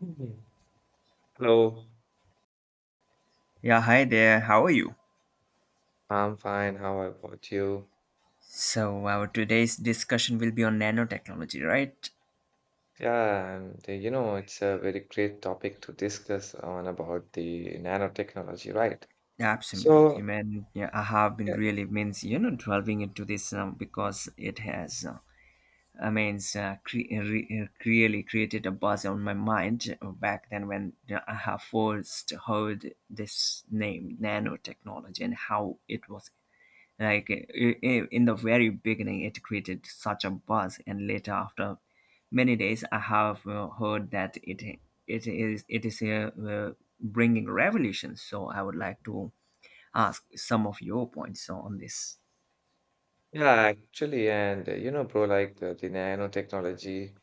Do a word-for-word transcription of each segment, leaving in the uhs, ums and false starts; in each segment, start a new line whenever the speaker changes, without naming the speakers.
Mhm. Hello,
Yeah, hi there. How are you?
I'm fine. How about you?
So, our today's discussion will be on nanotechnology, right?
Yeah, and uh, you know, it's a very great topic to discuss on about the nanotechnology, right? So,
Absolutely, man. Yeah, I have been
yeah,
really means you know delving into this um, because it has. Uh, I mean, uh, cre- uh, re- uh, really created a buzz on my mind, uh, back then when uh, I have first heard this name, nanotechnology, and how it was Like i- i- in the very beginning, it created such a buzz, and later, after many days, I have uh, heard that it it is it is uh, uh, bringing revolutions. So I would like to ask some of your points on this.
yeah, actually, and uh, you know, bro, like uh, the nanotechnology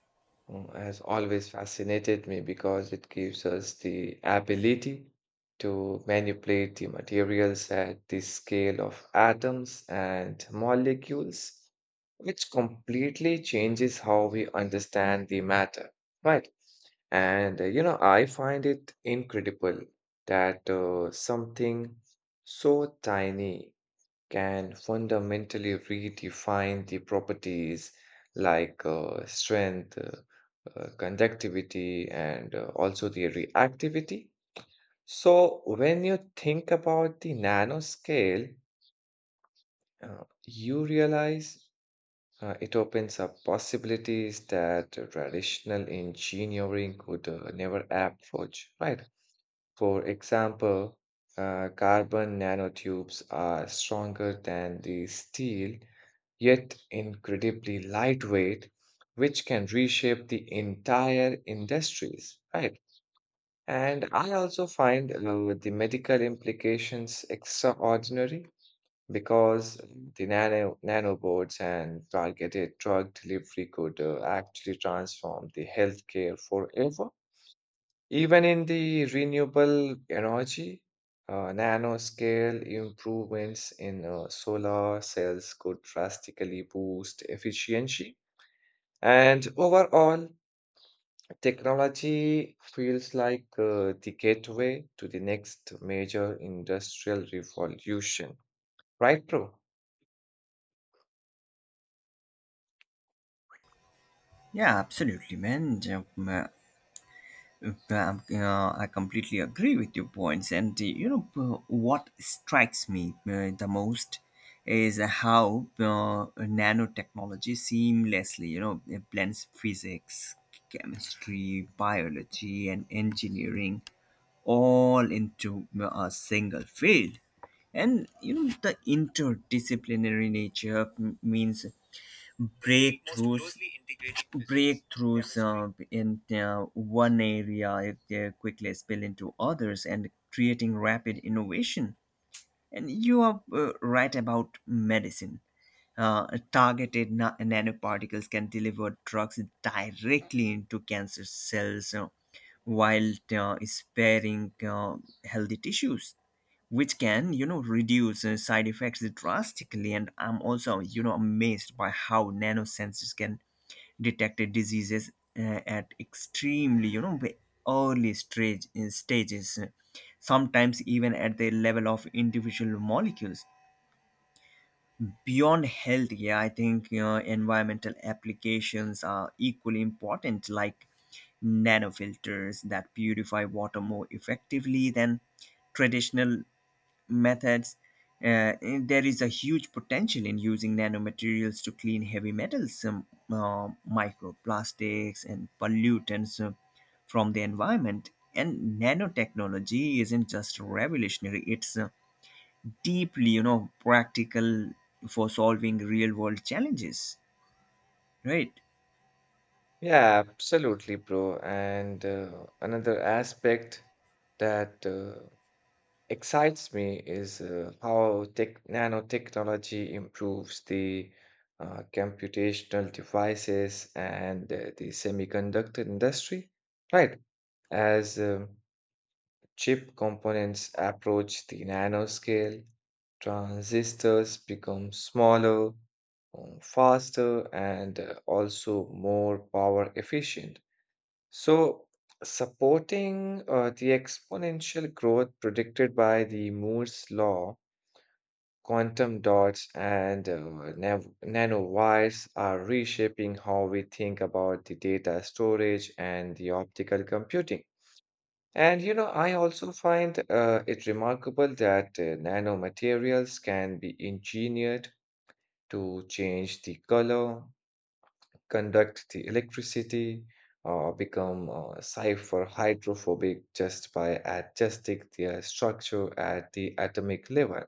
uh, has always fascinated me because it gives us the ability to manipulate the materials at the scale of atoms and molecules, which completely changes how we understand the matter, right? And uh, you know, I find it incredible that uh, something so tiny can fundamentally redefine the properties like uh, strength, uh, uh, conductivity, and uh, also the reactivity. So, when you think about the nanoscale, uh, you realize uh, it opens up possibilities that traditional engineering could uh, never approach, right? For example, uh, carbon nanotubes are stronger than the steel yet incredibly lightweight, which can reshape the entire industries, right? And I also find uh, the medical implications extraordinary because the nano nanobots and targeted drug delivery could uh, actually transform the healthcare forever. Even in the renewable energy, uh, nanoscale improvements in uh, solar cells could drastically boost efficiency. And overall, technology feels like uh, the gateway to the next major industrial revolution. Right, bro?
Yeah, absolutely, man. Yeah. Um, uh, I completely agree with your points, and uh, you know uh, what strikes me, uh, the most, is how uh, nanotechnology seamlessly, you know, it blends physics, chemistry, biology, and engineering all into uh, a single field. And you know, the interdisciplinary nature m- means most breakthroughs closely integrating business. Yeah, breakthroughs, uh, absolutely, in uh, one area if they quickly spill into others and creating rapid innovation. And you are uh, right about medicine. uh, Targeted na- nanoparticles can deliver drugs directly into cancer cells, uh, while uh, sparing uh, healthy tissues, which can, you know, reduce uh, side effects drastically. And I'm also, you know, amazed by how nanosensors can detect diseases uh, at extremely, you know, early stage uh, stages, uh, sometimes even at the level of individual molecules. Beyond health, yeah, I think, you know, environmental applications are equally important, like nanofilters that purify water more effectively than traditional methods. Uh, there is a huge potential in using nanomaterials to clean heavy metals, um, uh, microplastics, and pollutants uh, from the environment. And nanotechnology isn't just revolutionary; it's, uh, deeply, you know, practical for solving real-world challenges, right?
Yeah, absolutely, bro. And uh, another aspect that uh, excites me is uh, how tech nanotechnology improves the uh, computational devices and uh, the semiconductor industry, right? As um, chip components approach the nanoscale, transistors become smaller, um, faster, and uh, also more power efficient. So, supporting uh, the exponential growth predicted by the Moore's law, quantum dots and uh, nav- nanowires are reshaping how we think about the data storage and the optical computing. And you know, I also find uh, it remarkable that uh, nanomaterials can be engineered to change the color, conduct the electricity or become uh, cipher hydrophobic just by adjusting their structure at the atomic level.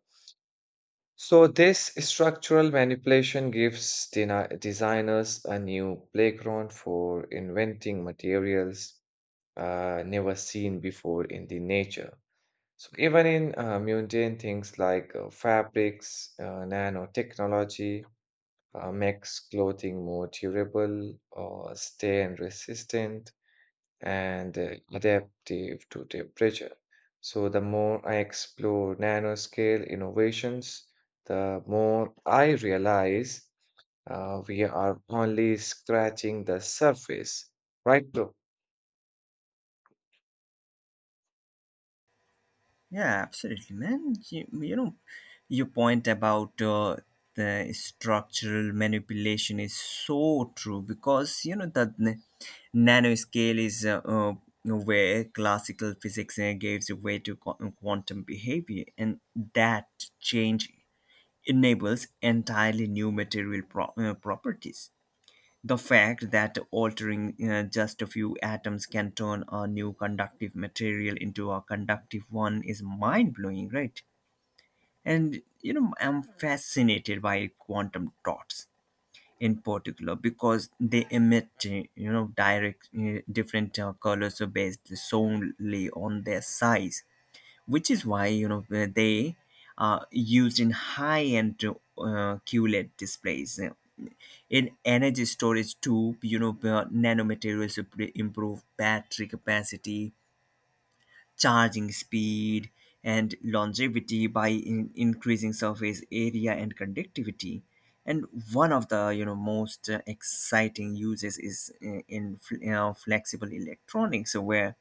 So, this structural manipulation gives deni- designers a new playground for inventing materials uh, never seen before in the nature. So, even in uh, mundane things like uh, fabrics, uh, nanotechnology, uh, makes clothing more durable or stain resistant and uh, adaptive to temperature. So, the more I explore nanoscale innovations, the more I realize uh, we are only scratching the surface, right, bro?
Yeah, absolutely, man. You, you know, your point about uh, the structural manipulation is so true, because, you know, the n- nanoscale is uh, uh, where classical physics uh, gives way to qu- quantum behavior, and that change enables entirely new material pro- uh, properties. The fact that altering uh, just a few atoms can turn a new conductive material into a conductive one is mind blowing, right? And you know, I'm fascinated by quantum dots in particular, because they emit, uh, you know, direct uh, different uh, colors based solely on their size, which is why, you know, uh, they are used in high-end uh, Q L E D displays. In energy storage too, you know, uh, nanomaterials imp- improve battery capacity, charging speed, and longevity by in- increasing surface area and conductivity. And one of the, you know, most uh, exciting uses is in, in fl- you know, flexible electronics, where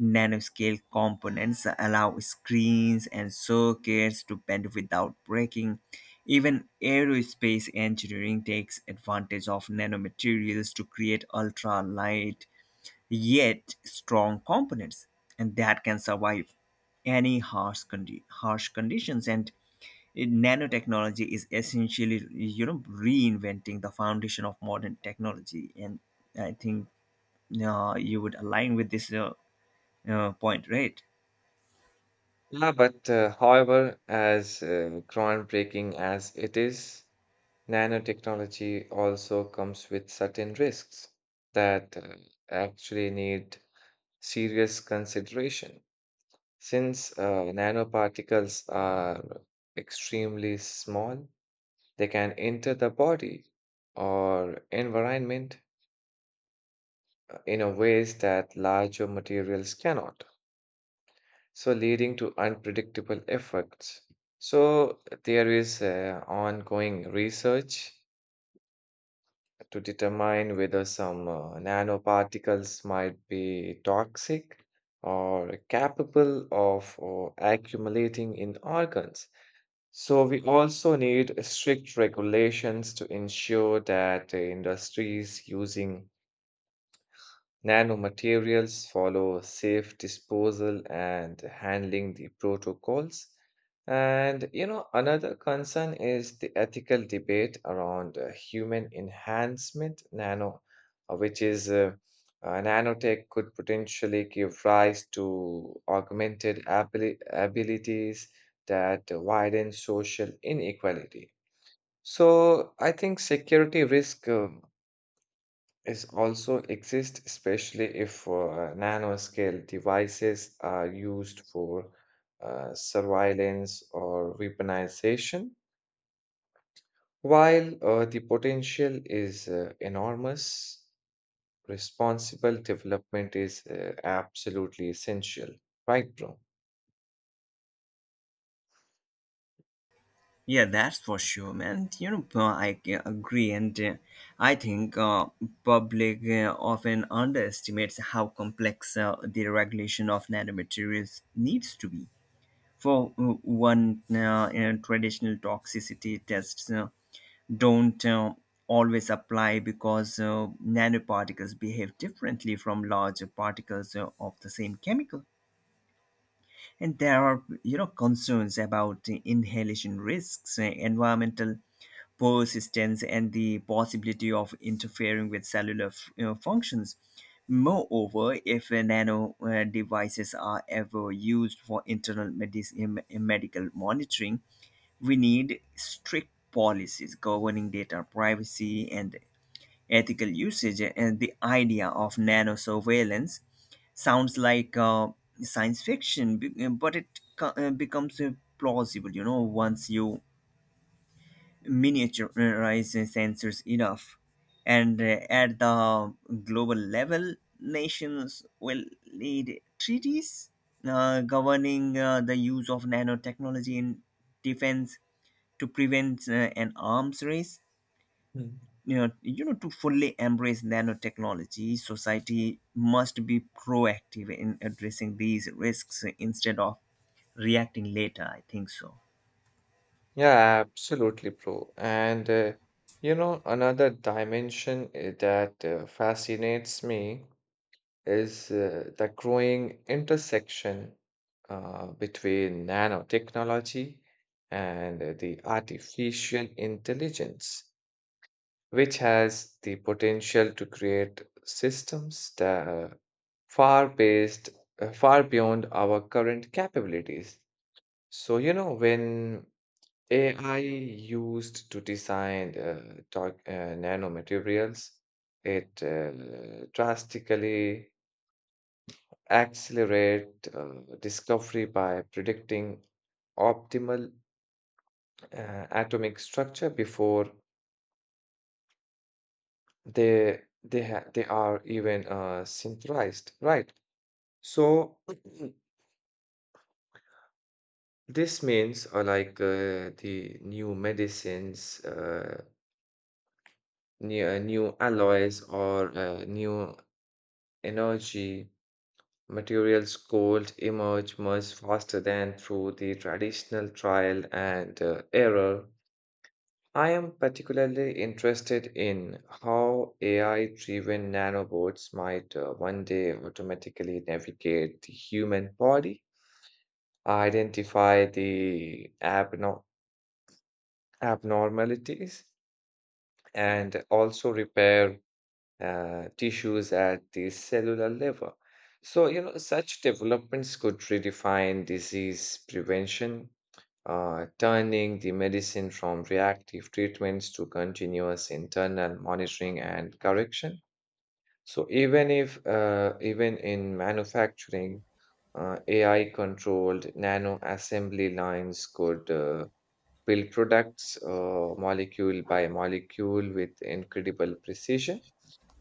nanoscale components allow screens and circuits to bend without breaking. Even aerospace engineering takes advantage of nanomaterials to create ultra light yet strong components, and that can survive any harsh condi- harsh conditions. And eh, nanotechnology is essentially, you know, reinventing the foundation of modern technology. And I think uh, you would align with this, uh, uh, point, right?
Yeah, but uh, however, as uh, groundbreaking as it is, nanotechnology also comes with certain risks that uh, actually need serious consideration. Since uh, nanoparticles are extremely small, they can enter the body or environment uh, in a ways that larger materials cannot, so leading to unpredictable effects. So there is uh, ongoing research to determine whether some uh, nanoparticles might be toxic or capable of uh, accumulating in organs. So, we also need strict regulations to ensure that uh, industries using nanomaterials follow safe disposal and handling the protocols. And you know, another concern is the ethical debate around uh, human enhancement nano, uh, which is uh, uh, nanotech could potentially give rise to augmented abili- abilities that widen social inequality. So I think security risk uh, is also exist, especially if uh, nanoscale devices are used for uh, surveillance or weaponization. While uh, the potential is uh, enormous, responsible development is uh, absolutely essential. Right, bro?
Yeah, that's for sure, man. You know, uh, i g- agree. And uh, I think, uh, public uh, often underestimates how complex uh, the regulation of nanomaterials needs to be. For uh, one, uh, uh, traditional toxicity tests uh, don't uh, always apply, because uh, nanoparticles behave differently from larger particles uh, of the same chemical. And there are, you know, concerns about inhalation risks, uh, environmental persistence, and the possibility of interfering with cellular f- you know, functions. Moreover, if uh, nano uh, devices are ever used for internal medicine, medical monitoring, we need strict policies governing data privacy and ethical usage. And the idea of nano surveillance sounds like uh, science fiction, be- uh, but it co- uh, becomes uh, plausible, you know, once you miniaturize sensors enough. And uh, at the global level, nations will lead treaties uh, governing uh, the use of nanotechnology in defense to prevent uh, an arms race.
Hmm.
You know, you know, to fully embrace nanotechnology, society must be proactive in addressing these risks instead of reacting later, I think so.
Yeah, absolutely, bro. And uh, you know, another dimension uh, that uh, fascinates me is uh, the growing intersection uh, between nanotechnology and uh, the artificial intelligence, which has the potential to create systems that are far based, uh, far beyond our current capabilities. So, you know, when A I used to design uh, doc- uh, nanomaterials, it uh, drastically accelerate uh, discovery by predicting optimal uh, atomic structure before they they ha they are even uh, synthesized, right? So this means uh, like uh, the new medicines, uh, new, uh, new alloys or uh, new energy materials could emerge much faster than through the traditional trial and uh, error. I am particularly interested in how A I-driven nanobots might uh, one day automatically navigate the human body, identify the abno- abnormalities, and also repair uh, tissues at the cellular level. So, you know, such developments could redefine disease prevention uh, turning the medicine from reactive treatments to continuous internal monitoring and correction. So even if uh, even in manufacturing, uh, A I-controlled nano assembly lines could uh, build products uh, molecule by molecule with incredible precision.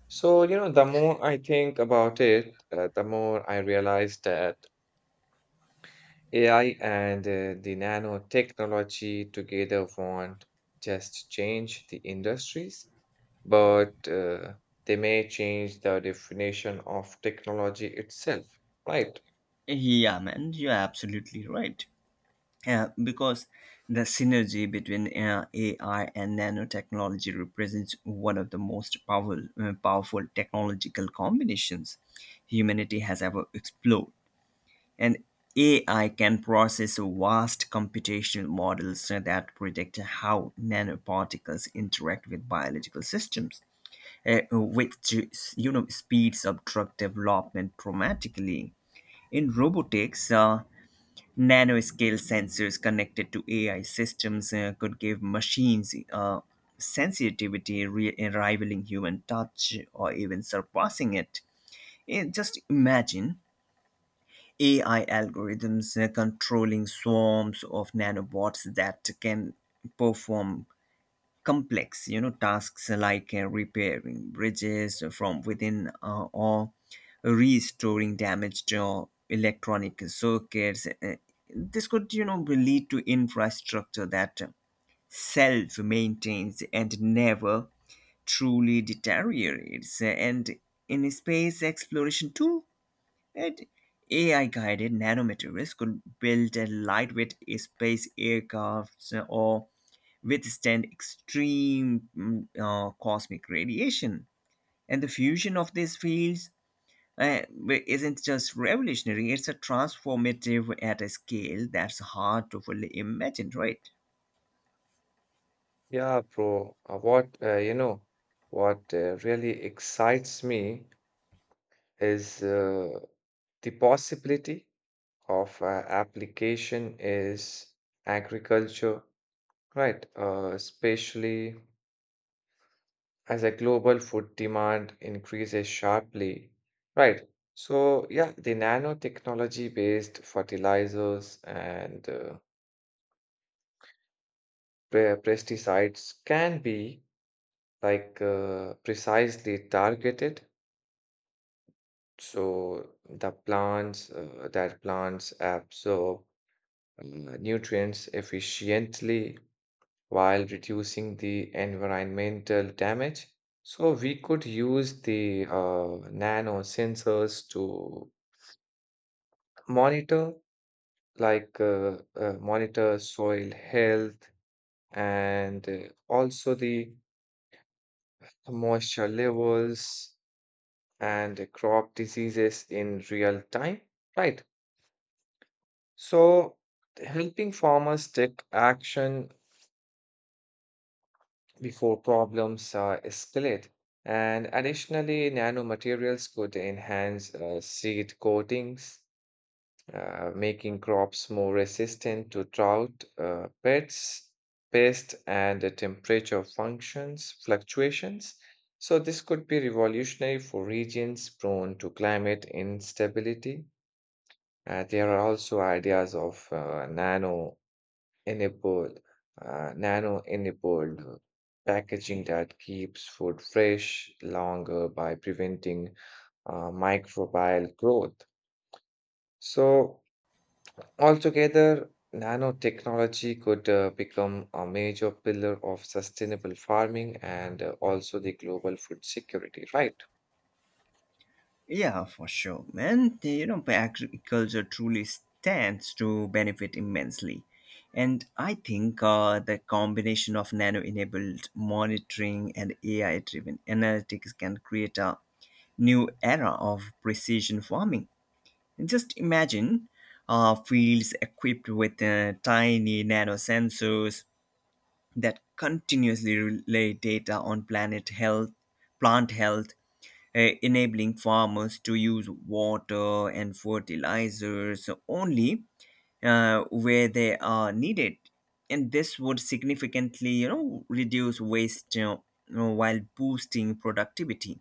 So you know, the more I think about it, uh, the more I realize that A I and uh, the nanotechnology together won't just change the industries, but uh, they may change the definition of technology itself, right?
Yeah, man, you're absolutely right. Uh, because the synergy between uh, AI and nanotechnology represents one of the most powerful uh, powerful technological combinations humanity has ever explored. And A I can process vast computational models that predict how nanoparticles interact with biological systems, uh, which, you know, speeds up drug development dramatically. In robotics, uh, nanoscale sensors connected to A I systems uh, could give machines uh, sensitivity re- rivaling human touch or even surpassing it. Eh, just imagine A I algorithms uh, controlling swarms of nanobots that can perform complex, you know, tasks like uh, repairing bridges from within, uh, or restoring damaged uh, electronic circuits. Uh, This could, you know, lead to infrastructure that self maintains and never truly deteriorates. And in space exploration too, right? A I guided nanomaterials could build a lightweight space aircraft or withstand extreme mm, uh, cosmic radiation. And the fusion of these fields, uh, isn't just revolutionary, it's a transformative at a scale that's hard to fully imagine, right?
Yeah, bro. Uh, what uh, you know, what uh, really excites me is uh, the possibility of uh, application is agriculture, right? Uh, especially as a global food demand increases sharply. Right. So, yeah, the nanotechnology based fertilizers and uh, pe- pesticides can be like uh, precisely targeted. So, the plants uh, that plants absorb uh, nutrients efficiently while reducing the environmental damage. So, we could use the uh, nanosensors to monitor like uh, uh, monitor soil health and uh, also the moisture levels and uh, crop diseases in real time, right? So helping farmers take action before problems uh, escalate. And additionally nanomaterials could enhance uh, seed coatings, uh, making crops more resistant to drought, uh, pests, pest, and the temperature functions fluctuations. So this could be revolutionary for regions prone to climate instability. Uh, there are also ideas of uh, nano enabled uh, nano enabled packaging that keeps food fresh longer by preventing uh, microbial growth. So altogether, nanotechnology could uh, become a major pillar of sustainable farming and uh, also the global food security, right?
Yeah, for sure, man. The, you know, agriculture truly stands to benefit immensely. And I think uh, the combination of nano enabled monitoring and A I driven analytics can create a new era of precision farming. Just imagine uh, fields equipped with uh, tiny nano sensors that continuously relay data on planet health, plant health, eh, enabling farmers to use water and fertilizers only uh, where they are needed. And this would significantly, you know, reduce waste, you know, you know, while boosting productivity.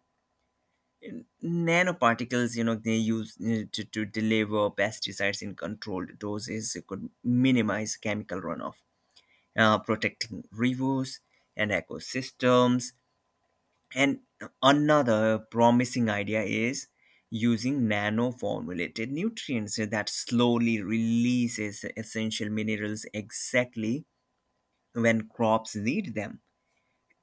Nanoparticles, you know, they use, uh, to, to deliver pesticides in controlled doses, could minimize chemical runoff, uh, protecting rivers and ecosystems. And another promising idea is using nano formulated nutrients that slowly releases essential minerals exactly when crops need them.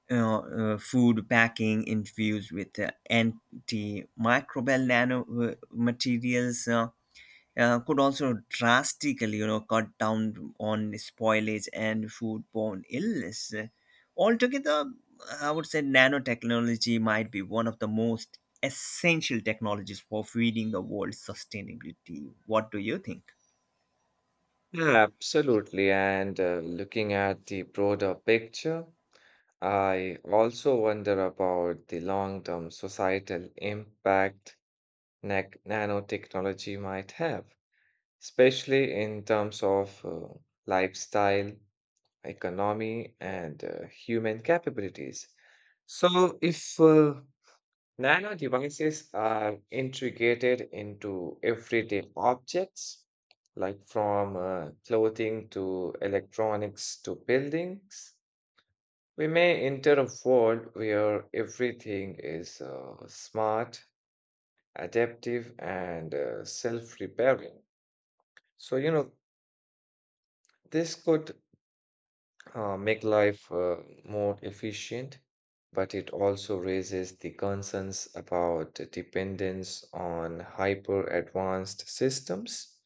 Uh, uh, Food packing infused with uh, antimicrobial nanomaterials uh, materials, uh, uh, could also drastically, you know, cut down on spoilage and foodborne illness. Altogether, I would say nanotechnology might be one of the most essential technologies for feeding the world sustainability. What do you think?
Yeah, absolutely. And uh, looking at the broader picture, I also wonder about the long-term societal impact nac- nanotechnology might have, especially in terms of uh, lifestyle, economy, and uh, human capabilities. So, if uh, nano devices are integrated into everyday objects, like from uh, clothing to electronics to buildings, we may enter a world where everything is uh, smart, adaptive, and uh, self repairing. So, you know, this could uh, make life uh, more efficient, but it also raises the concerns about the dependence on hyper advanced systems.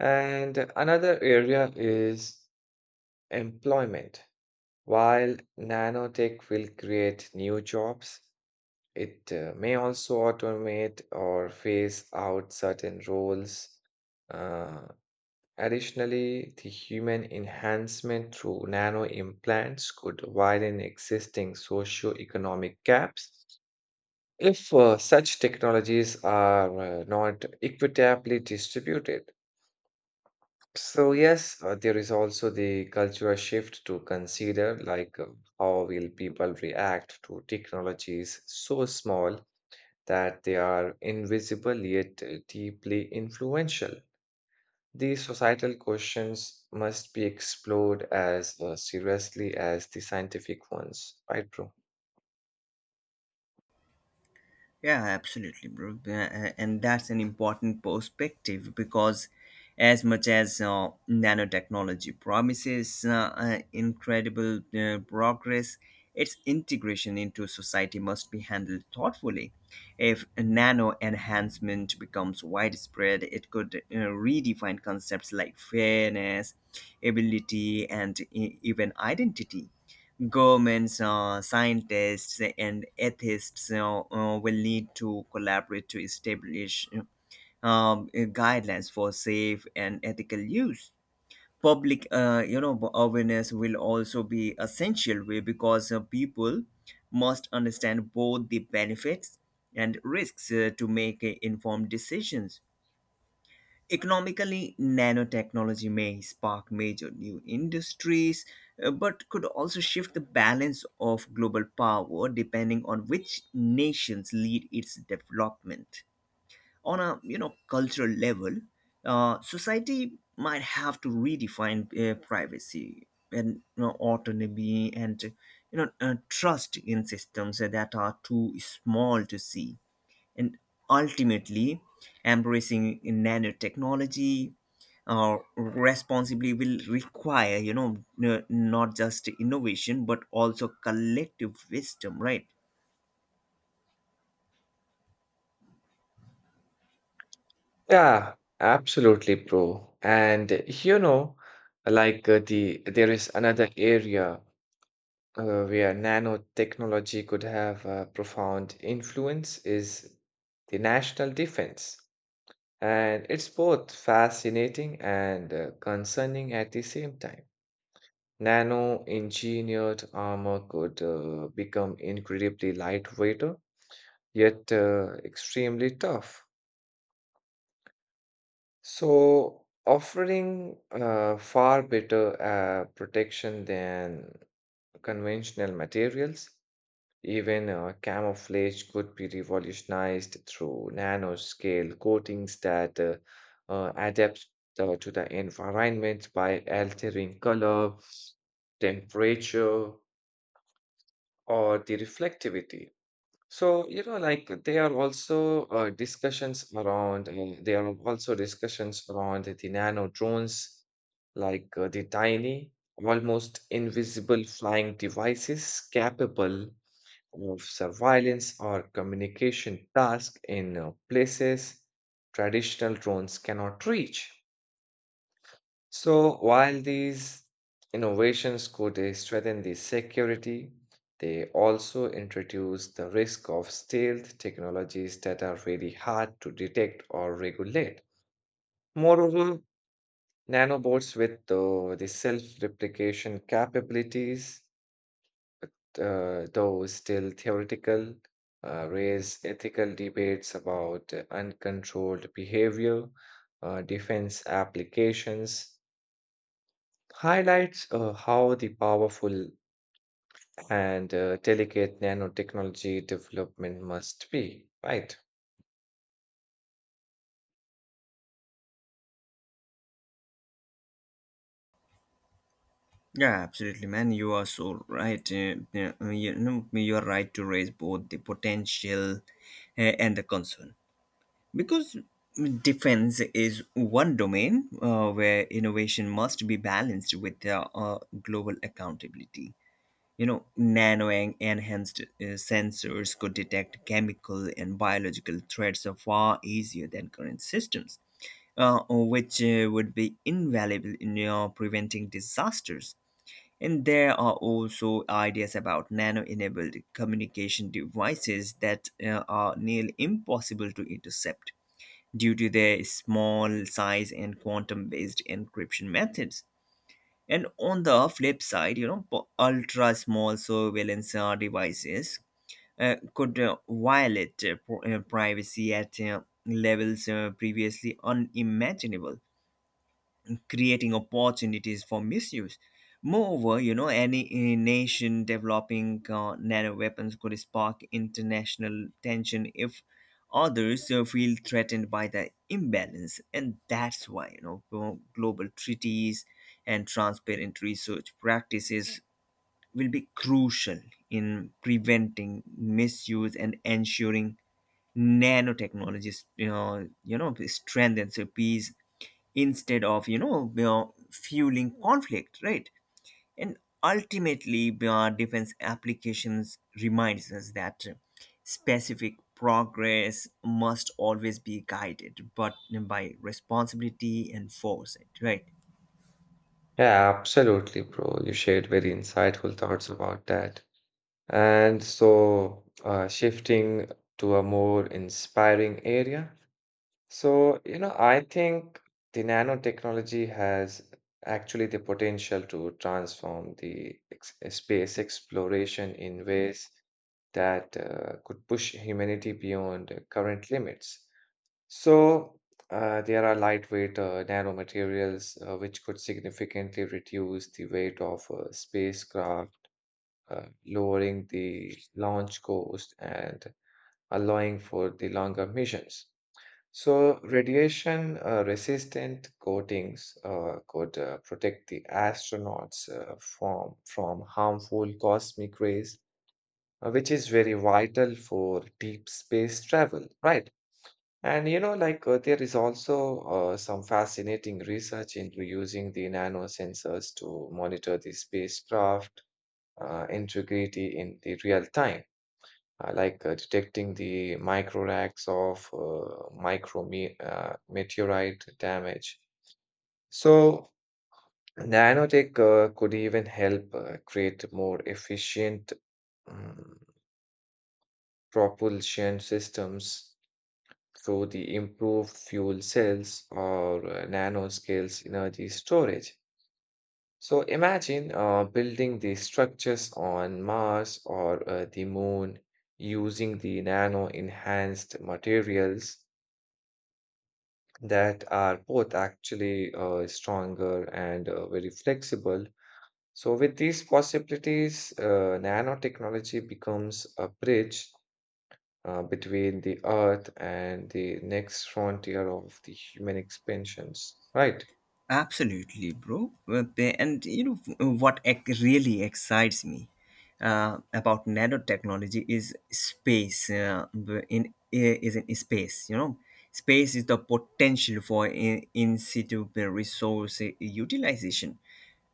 And another area is employment. While nanotech will create new jobs, it uh, may also automate or phase out certain roles. Uh, additionally, the human enhancement through nano implants could widen existing socio-economic gaps if uh, such technologies are uh, not equitably distributed. So, yes, uh, there is also the cultural shift to consider, like uh, how will people react to technologies so small that they are invisible yet uh, deeply influential. These societal questions must be explored as uh, seriously as the scientific ones, right, bro?
Yeah, absolutely, bro. Uh, uh, and that's an important perspective, because as much as uh, nanotechnology promises uh, uh, incredible uh, progress, its integration into society must be handled thoughtfully. If nano enhancement becomes widespread, it could uh, redefine concepts like fairness, ability, and e- even identity. Governments, uh, scientists, and atheists uh, uh, will need to collaborate to establish, uh, um, guidelines for safe and ethical use. Public, uh, you know, awareness will also be essential way, because uh, people must understand both the benefits and risks uh, to make uh, informed decisions. Economically, nanotechnology may spark major new industries, uh, but could also shift the balance of global power depending on which nations lead its development. On a, you know, cultural level, uh, society might have to redefine uh, privacy and, you know, autonomy, and, you know, uh, trust in systems that are too small to see. And ultimately, embracing nanotechnology uh, responsibly will require, you know, n- not just innovation but also collective wisdom, right?
Yeah, absolutely, bro. And uh, you know, like uh, the there is another area uh, where nanotechnology could have a profound influence is the national defense. And it's both fascinating and uh, concerning at the same time. Nano-engineered armor could uh, become incredibly lightweight, uh, yet uh, extremely tough. So, offering uh, far better uh, protection than conventional materials. Even uh, camouflage could be revolutionized through nanoscale coatings that uh, uh, adapt uh, to the environment by altering color, temperature, or the reflectivity. So, you know, like there are also uh, discussions around, uh, there are also discussions around the nano drones, like uh, the tiny, almost invisible flying devices capable of surveillance or communication tasks in uh, places traditional drones cannot reach. So while these innovations could uh, strengthen the security, they also introduce the risk of stealth technologies that are really hard to detect or regulate. Moreover, nanobots with uh, the self-replication capabilities, uh, though still theoretical, uh, raise ethical debates about uh, uncontrolled behavior, uh, defense applications, highlights uh, how the powerful and uh, delicate nanotechnology development must be, right?
Yeah, absolutely, man. You are so right. uh, yeah, uh, you know, you are right to raise both the potential uh, and the concern, because defense is one domain uh, where innovation must be balanced with uh, uh, global accountability. You know, nano en- enhanced uh, sensors could detect chemical and biological threats far easier than current systems, uh, which uh, would be invaluable in uh, preventing disasters. And there are also ideas about nano enabled communication devices that uh, are nearly impossible to intercept due to their small size and quantum based encryption methods. And on the flip side, you know, po- ultra small surveillance uh, devices uh, could uh, violate, uh, pr- uh, privacy at uh, levels uh, previously unimaginable, creating opportunities for misuse. Moreover, you know, any uh, nation developing uh, nano weapons could spark international tension if others uh, feel threatened by the imbalance. And that's why, you know, glo- global treaties and transparent research practices will be crucial in preventing misuse and ensuring nanotechnologies, you know, you know, strengthens peace instead of, you know, you know, fueling conflict, right? And ultimately, uh, defense applications reminds us that specific progress must always be guided but by responsibility and foresight, right?
Yeah, absolutely, bro. You shared very insightful thoughts about that. And so, uh, shifting to a more inspiring area, so, you know, I think the nanotechnology has actually the potential to transform the ex eh, space exploration in ways that uh, could push humanity beyond uh, current limits. So, uh, there are lightweight uh, nanomaterials uh, which could significantly reduce the weight of uh, spacecraft, uh, lowering the launch cost and allowing for the longer missions. So, radiation uh, resistant coatings uh, could uh, protect the astronauts uh, from, from harmful cosmic rays, uh, which is very vital for deep space travel, right? And you know, like uh, there is also uh, some fascinating research into using the nanosensors to monitor the spacecraft uh, integrity in the real time, uh, like uh, detecting the micro racks of uh, micro me uh, meteorite damage. So, nanotech uh, could even help uh, create more efficient um, propulsion systems through the improved fuel cells or uh, nanoscales energy storage. So, imagine uh, building the structures on Mars or uh, the moon using the nano enhanced materials that are both actually uh, stronger and uh, very flexible. So, with these possibilities, uh, nanotechnology becomes a bridge uh, between the earth and the next frontier of the human expansions, right?
Absolutely, bro. Uh, they- And you know, uh, what ec- really excites me uh, about nanotechnology is space. Uh, b- in I- is in space, you know, space is the potential for in, in situ resource utilization,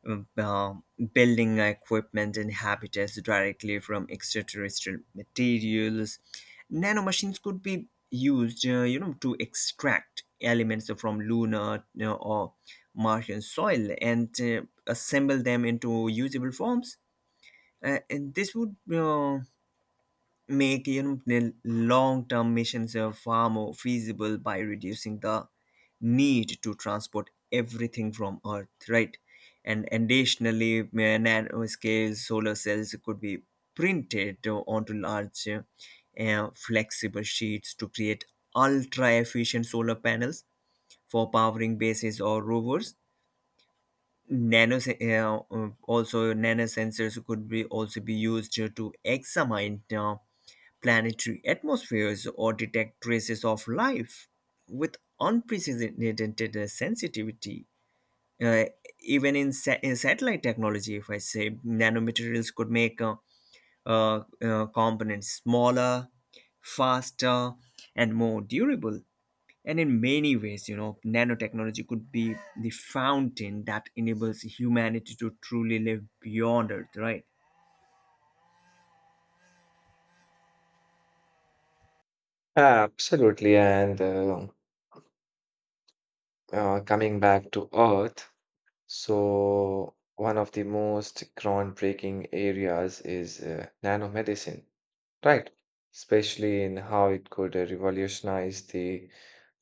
um, building equipment and habitats directly from extraterrestrial materials. Nanomachines could be used, uh, you know, to extract elements from lunar, you know, or Martian soil, and uh, assemble them into usable forms. Uh, and this would uh, make, you know, the long-term missions uh, far more feasible by reducing the need to transport everything from Earth, right? And additionally, uh, nanoscale solar cells could be printed uh, onto large, uh, uh, flexible sheets to create ultra efficient solar panels for powering bases or rovers. Nano uh, uh, also nanosensors could be also be used uh, to examine uh, planetary atmospheres or detect traces of life with unprecedented sensitivity. Uh, Even in, sa- in satellite technology, if I say nanomaterials could make uh, uh, uh, components smaller, faster, and more durable. And in many ways, you know, nanotechnology could be the fountain that enables humanity to truly live beyond Earth, right?
Absolutely. And uh, uh, coming back to earth, so one of the most groundbreaking areas is uh, nanomedicine. Right, especially in how it could uh, revolutionize the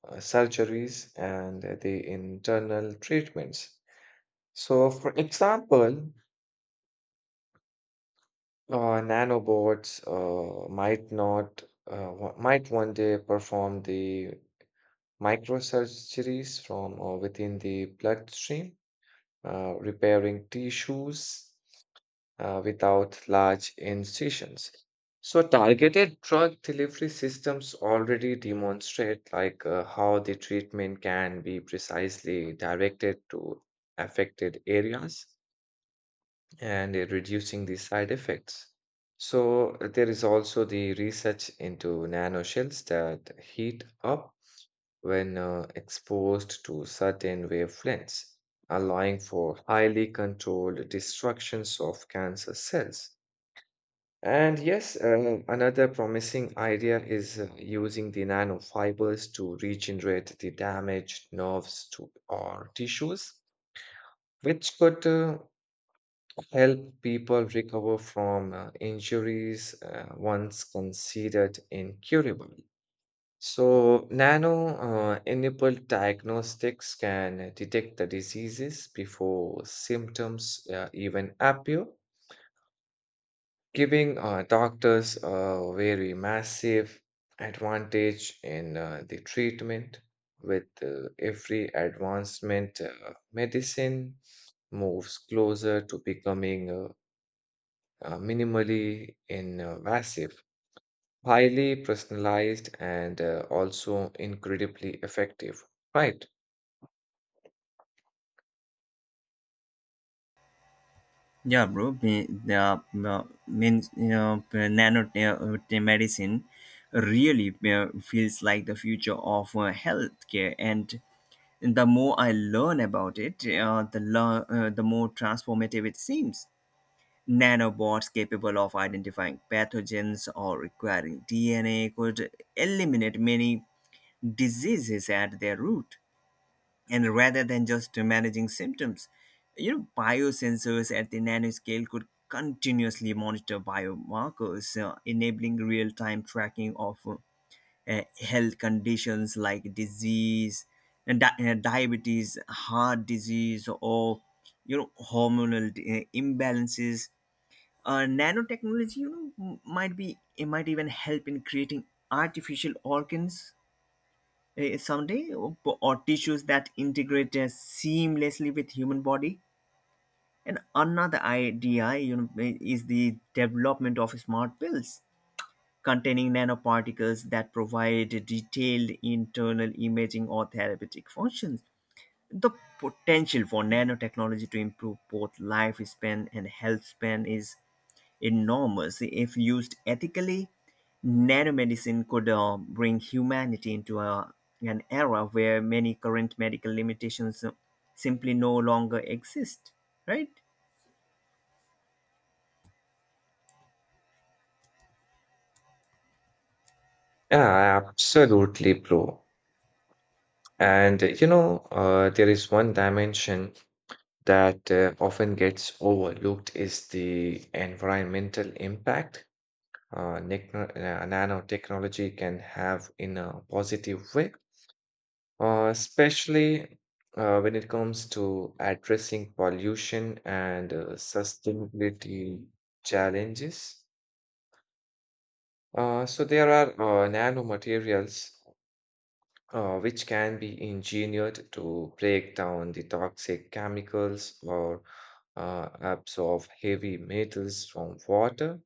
uh, surgeries and uh, the internal treatments. So, for example, uh, nanobots uh, might not uh, wa- might one day perform the microsurgeries from uh, within the bloodstream, uh, repairing tissues uh, without large incisions. So targeted drug delivery systems already demonstrate like uh, how the treatment can be precisely directed to affected areas and uh, reducing the side effects. So uh, there is also the research into nanoshells that heat up when uh, exposed to certain wavelengths, allowing for highly controlled destructions of cancer cells. And yes, uh, another promising idea is uh, using the nanofibers to regenerate the damaged nerves to, or tissues, which could uh, help people recover from uh, injuries uh, once considered incurable. So, nano uh, enabled diagnostics can detect the diseases before symptoms uh, even appear, giving uh, doctors a very massive advantage in uh, the treatment with uh, every advancement uh, medicine moves closer to becoming uh, uh, minimally invasive, highly personalized, and uh, also incredibly effective, right?
Yeah, bro. Me- Yeah, no, means, you know, nano uh, te- medicine really uh, feels like the future of uh, healthcare, and the more I learn about it, uh, the lo- uh, the more transformative it seems. Nanobots capable of identifying pathogens or requiring D N A could eliminate many diseases at their root, and rather than just managing symptoms, you know, biosensors at the nanoscale could continuously monitor biomarkers, uh, enabling real-time tracking of uh, health conditions like disease and di- uh, diabetes, heart disease, or, you know, hormonal uh, imbalances. Uh, nanotechnology, you know, m- might be, it might even help in creating artificial organs, eh, someday or, or tissues that integrate uh, seamlessly with human body. And another idea, you know, eh, is the development of smart pills containing nanoparticles that provide detailed internal imaging or therapeutic functions. The potential for nanotechnology to improve both lifespan and health span is enormous. If used ethically, nanomedicine could uh, bring humanity into a, an era where many current medical limitations uh, simply no longer exist, right?
Yeah, absolutely, bro. And uh, you know uh, there is one dimension that uh, often gets overlooked is the environmental impact uh, nechno- uh, nanotechnology can have in a positive way, uh, especially uh, when it comes to addressing pollution and uh, sustainability challenges. Uh, so there are uh, nanomaterials uh, which can be engineered to break down the toxic chemicals or uh, absorb heavy metals from water,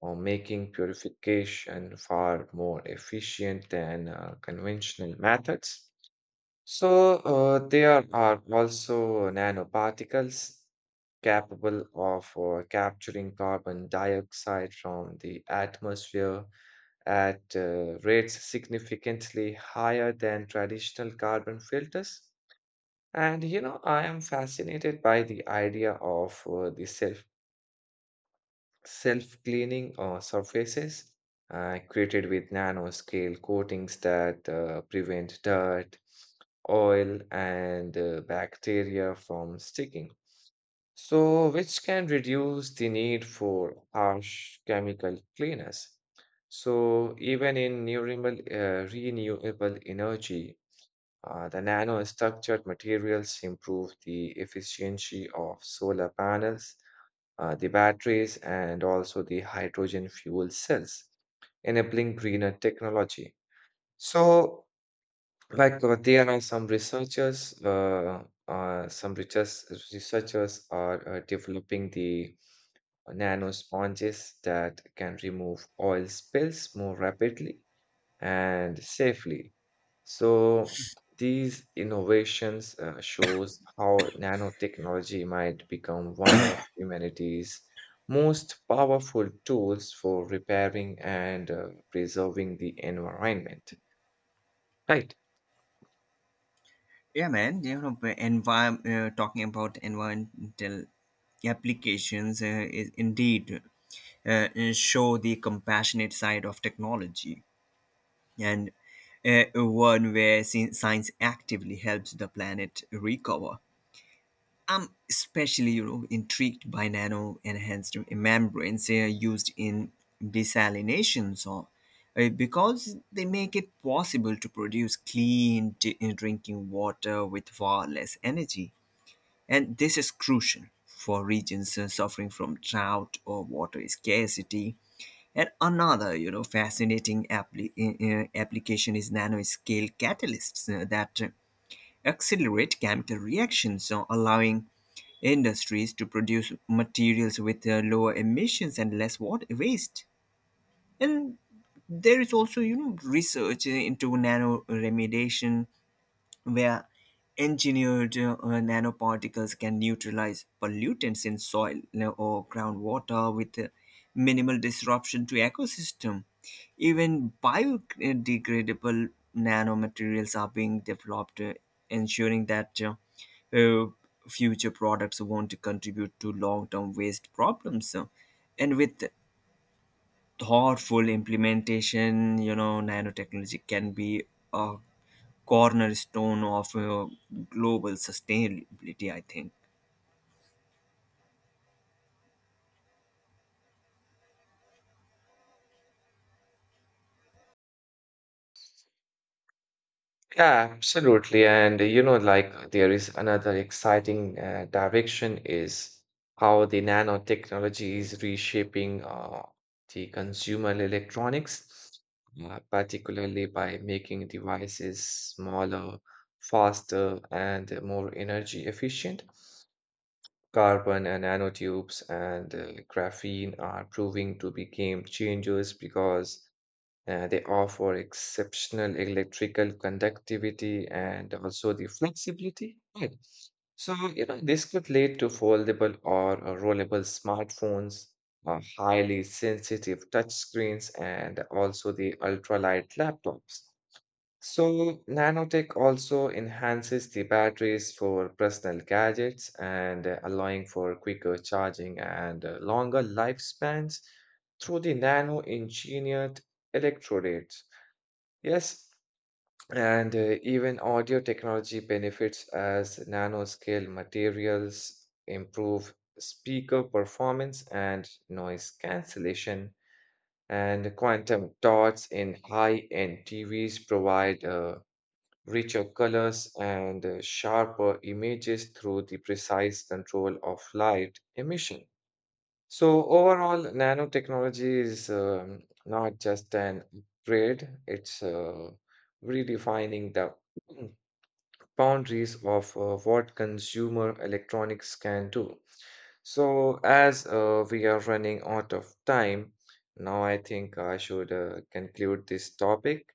or making purification far more efficient than uh, conventional methods. So, uh, there are also nanoparticles capable of uh, capturing carbon dioxide from the atmosphere at uh, rates significantly higher than traditional carbon filters. And you know, I am fascinated by the idea of uh, the self self cleaning uh, surfaces uh, created with nanoscale coatings that uh, prevent dirt, oil, and uh, bacteria from sticking. So, which can reduce the need for harsh chemical cleaners. So, even in renewable, uh, renewable energy, uh, the nanostructured materials improve the efficiency of solar panels, uh, the batteries, and also the hydrogen fuel cells, enabling greener technology. So, like uh, there are some researchers, uh, uh, some researchers, researchers are uh, developing the Nano sponges that can remove oil spills more rapidly and safely. So these innovations uh, shows how nanotechnology might become one of humanity's most powerful tools for repairing and uh, preserving the environment, right?
Yeah, man. You know, but envi- uh, talking about environmental applications uh, is indeed uh, show the compassionate side of technology, and uh, one where sci- science actively helps the planet recover. I'm especially, you know, intrigued by nano enhanced membranes uh, used in desalination, so, uh, because they make it possible to produce clean d- uh, drinking water with far less energy. And this is crucial for regions uh, suffering from drought or water scarcity. And another, you know, fascinating appli- uh, uh, application is nanoscale catalysts uh, that uh, accelerate chemical reactions, so allowing industries to produce materials with uh, lower emissions and less water waste. And there is also, you know, research into nano remediation, where engineered uh, nanoparticles can neutralize pollutants in soil uh, or groundwater with uh, minimal disruption to ecosystem. Even biodegradable nanomaterials are being developed, uh, ensuring that uh, uh, future products won't contribute to long-term waste problems. Uh, And with thoughtful implementation, you know, nanotechnology can be a cornerstone of uh, global sustainability, I think.
Yeah, absolutely. And uh, you know, like there is another exciting uh, direction is how the nanotechnology is reshaping uh, the consumer electronics, uh, particularly by making devices smaller, faster, and more energy efficient. Carbon and nanotubes and uh, graphene are proving to be game changers because uh, they offer exceptional electrical conductivity and also the flexibility. Right. So, you know, this could lead to foldable or uh, rollable smartphones, uh, highly sensitive touchscreens, and also the ultralight laptops. So, nanotech also enhances the batteries for personal gadgets and uh, allowing for quicker charging and uh, longer lifespans through the nano-engineered electrodes. Yes, and uh, even audio technology benefits as nanoscale materials improve speaker performance and noise cancellation. And quantum dots in high-end T Vs provide uh, richer colors and uh, sharper images through the precise control of light emission. So, overall, nanotechnology is um, not just an upgrade, it's uh, redefining the boundaries of uh, what consumer electronics can do. So, as uh, we are running out of time, now I think I should uh, conclude this topic.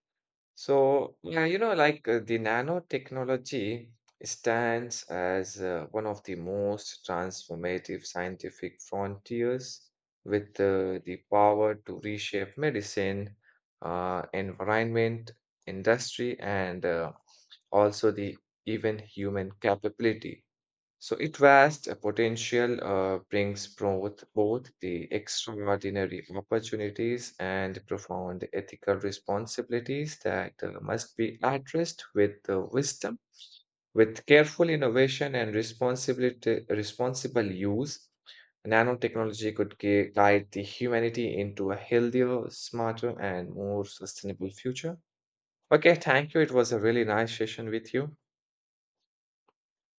So, yeah, you know, like uh, the nanotechnology stands as uh, one of the most transformative scientific frontiers with uh, the power to reshape medicine, uh, environment, industry, and uh, also the even human capability. So it vast uh, potential uh, brings both, both the extraordinary opportunities and profound ethical responsibilities that uh, must be addressed with uh, wisdom, with careful innovation and responsibility, responsible use. Nanotechnology could gui- guide the humanity into a healthier, smarter, and more sustainable future. Okay, thank you. It was a really nice session with you.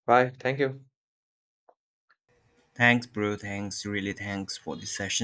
Bye. Thank you.
Thanks, bro. Thanks, really. Thanks for the session.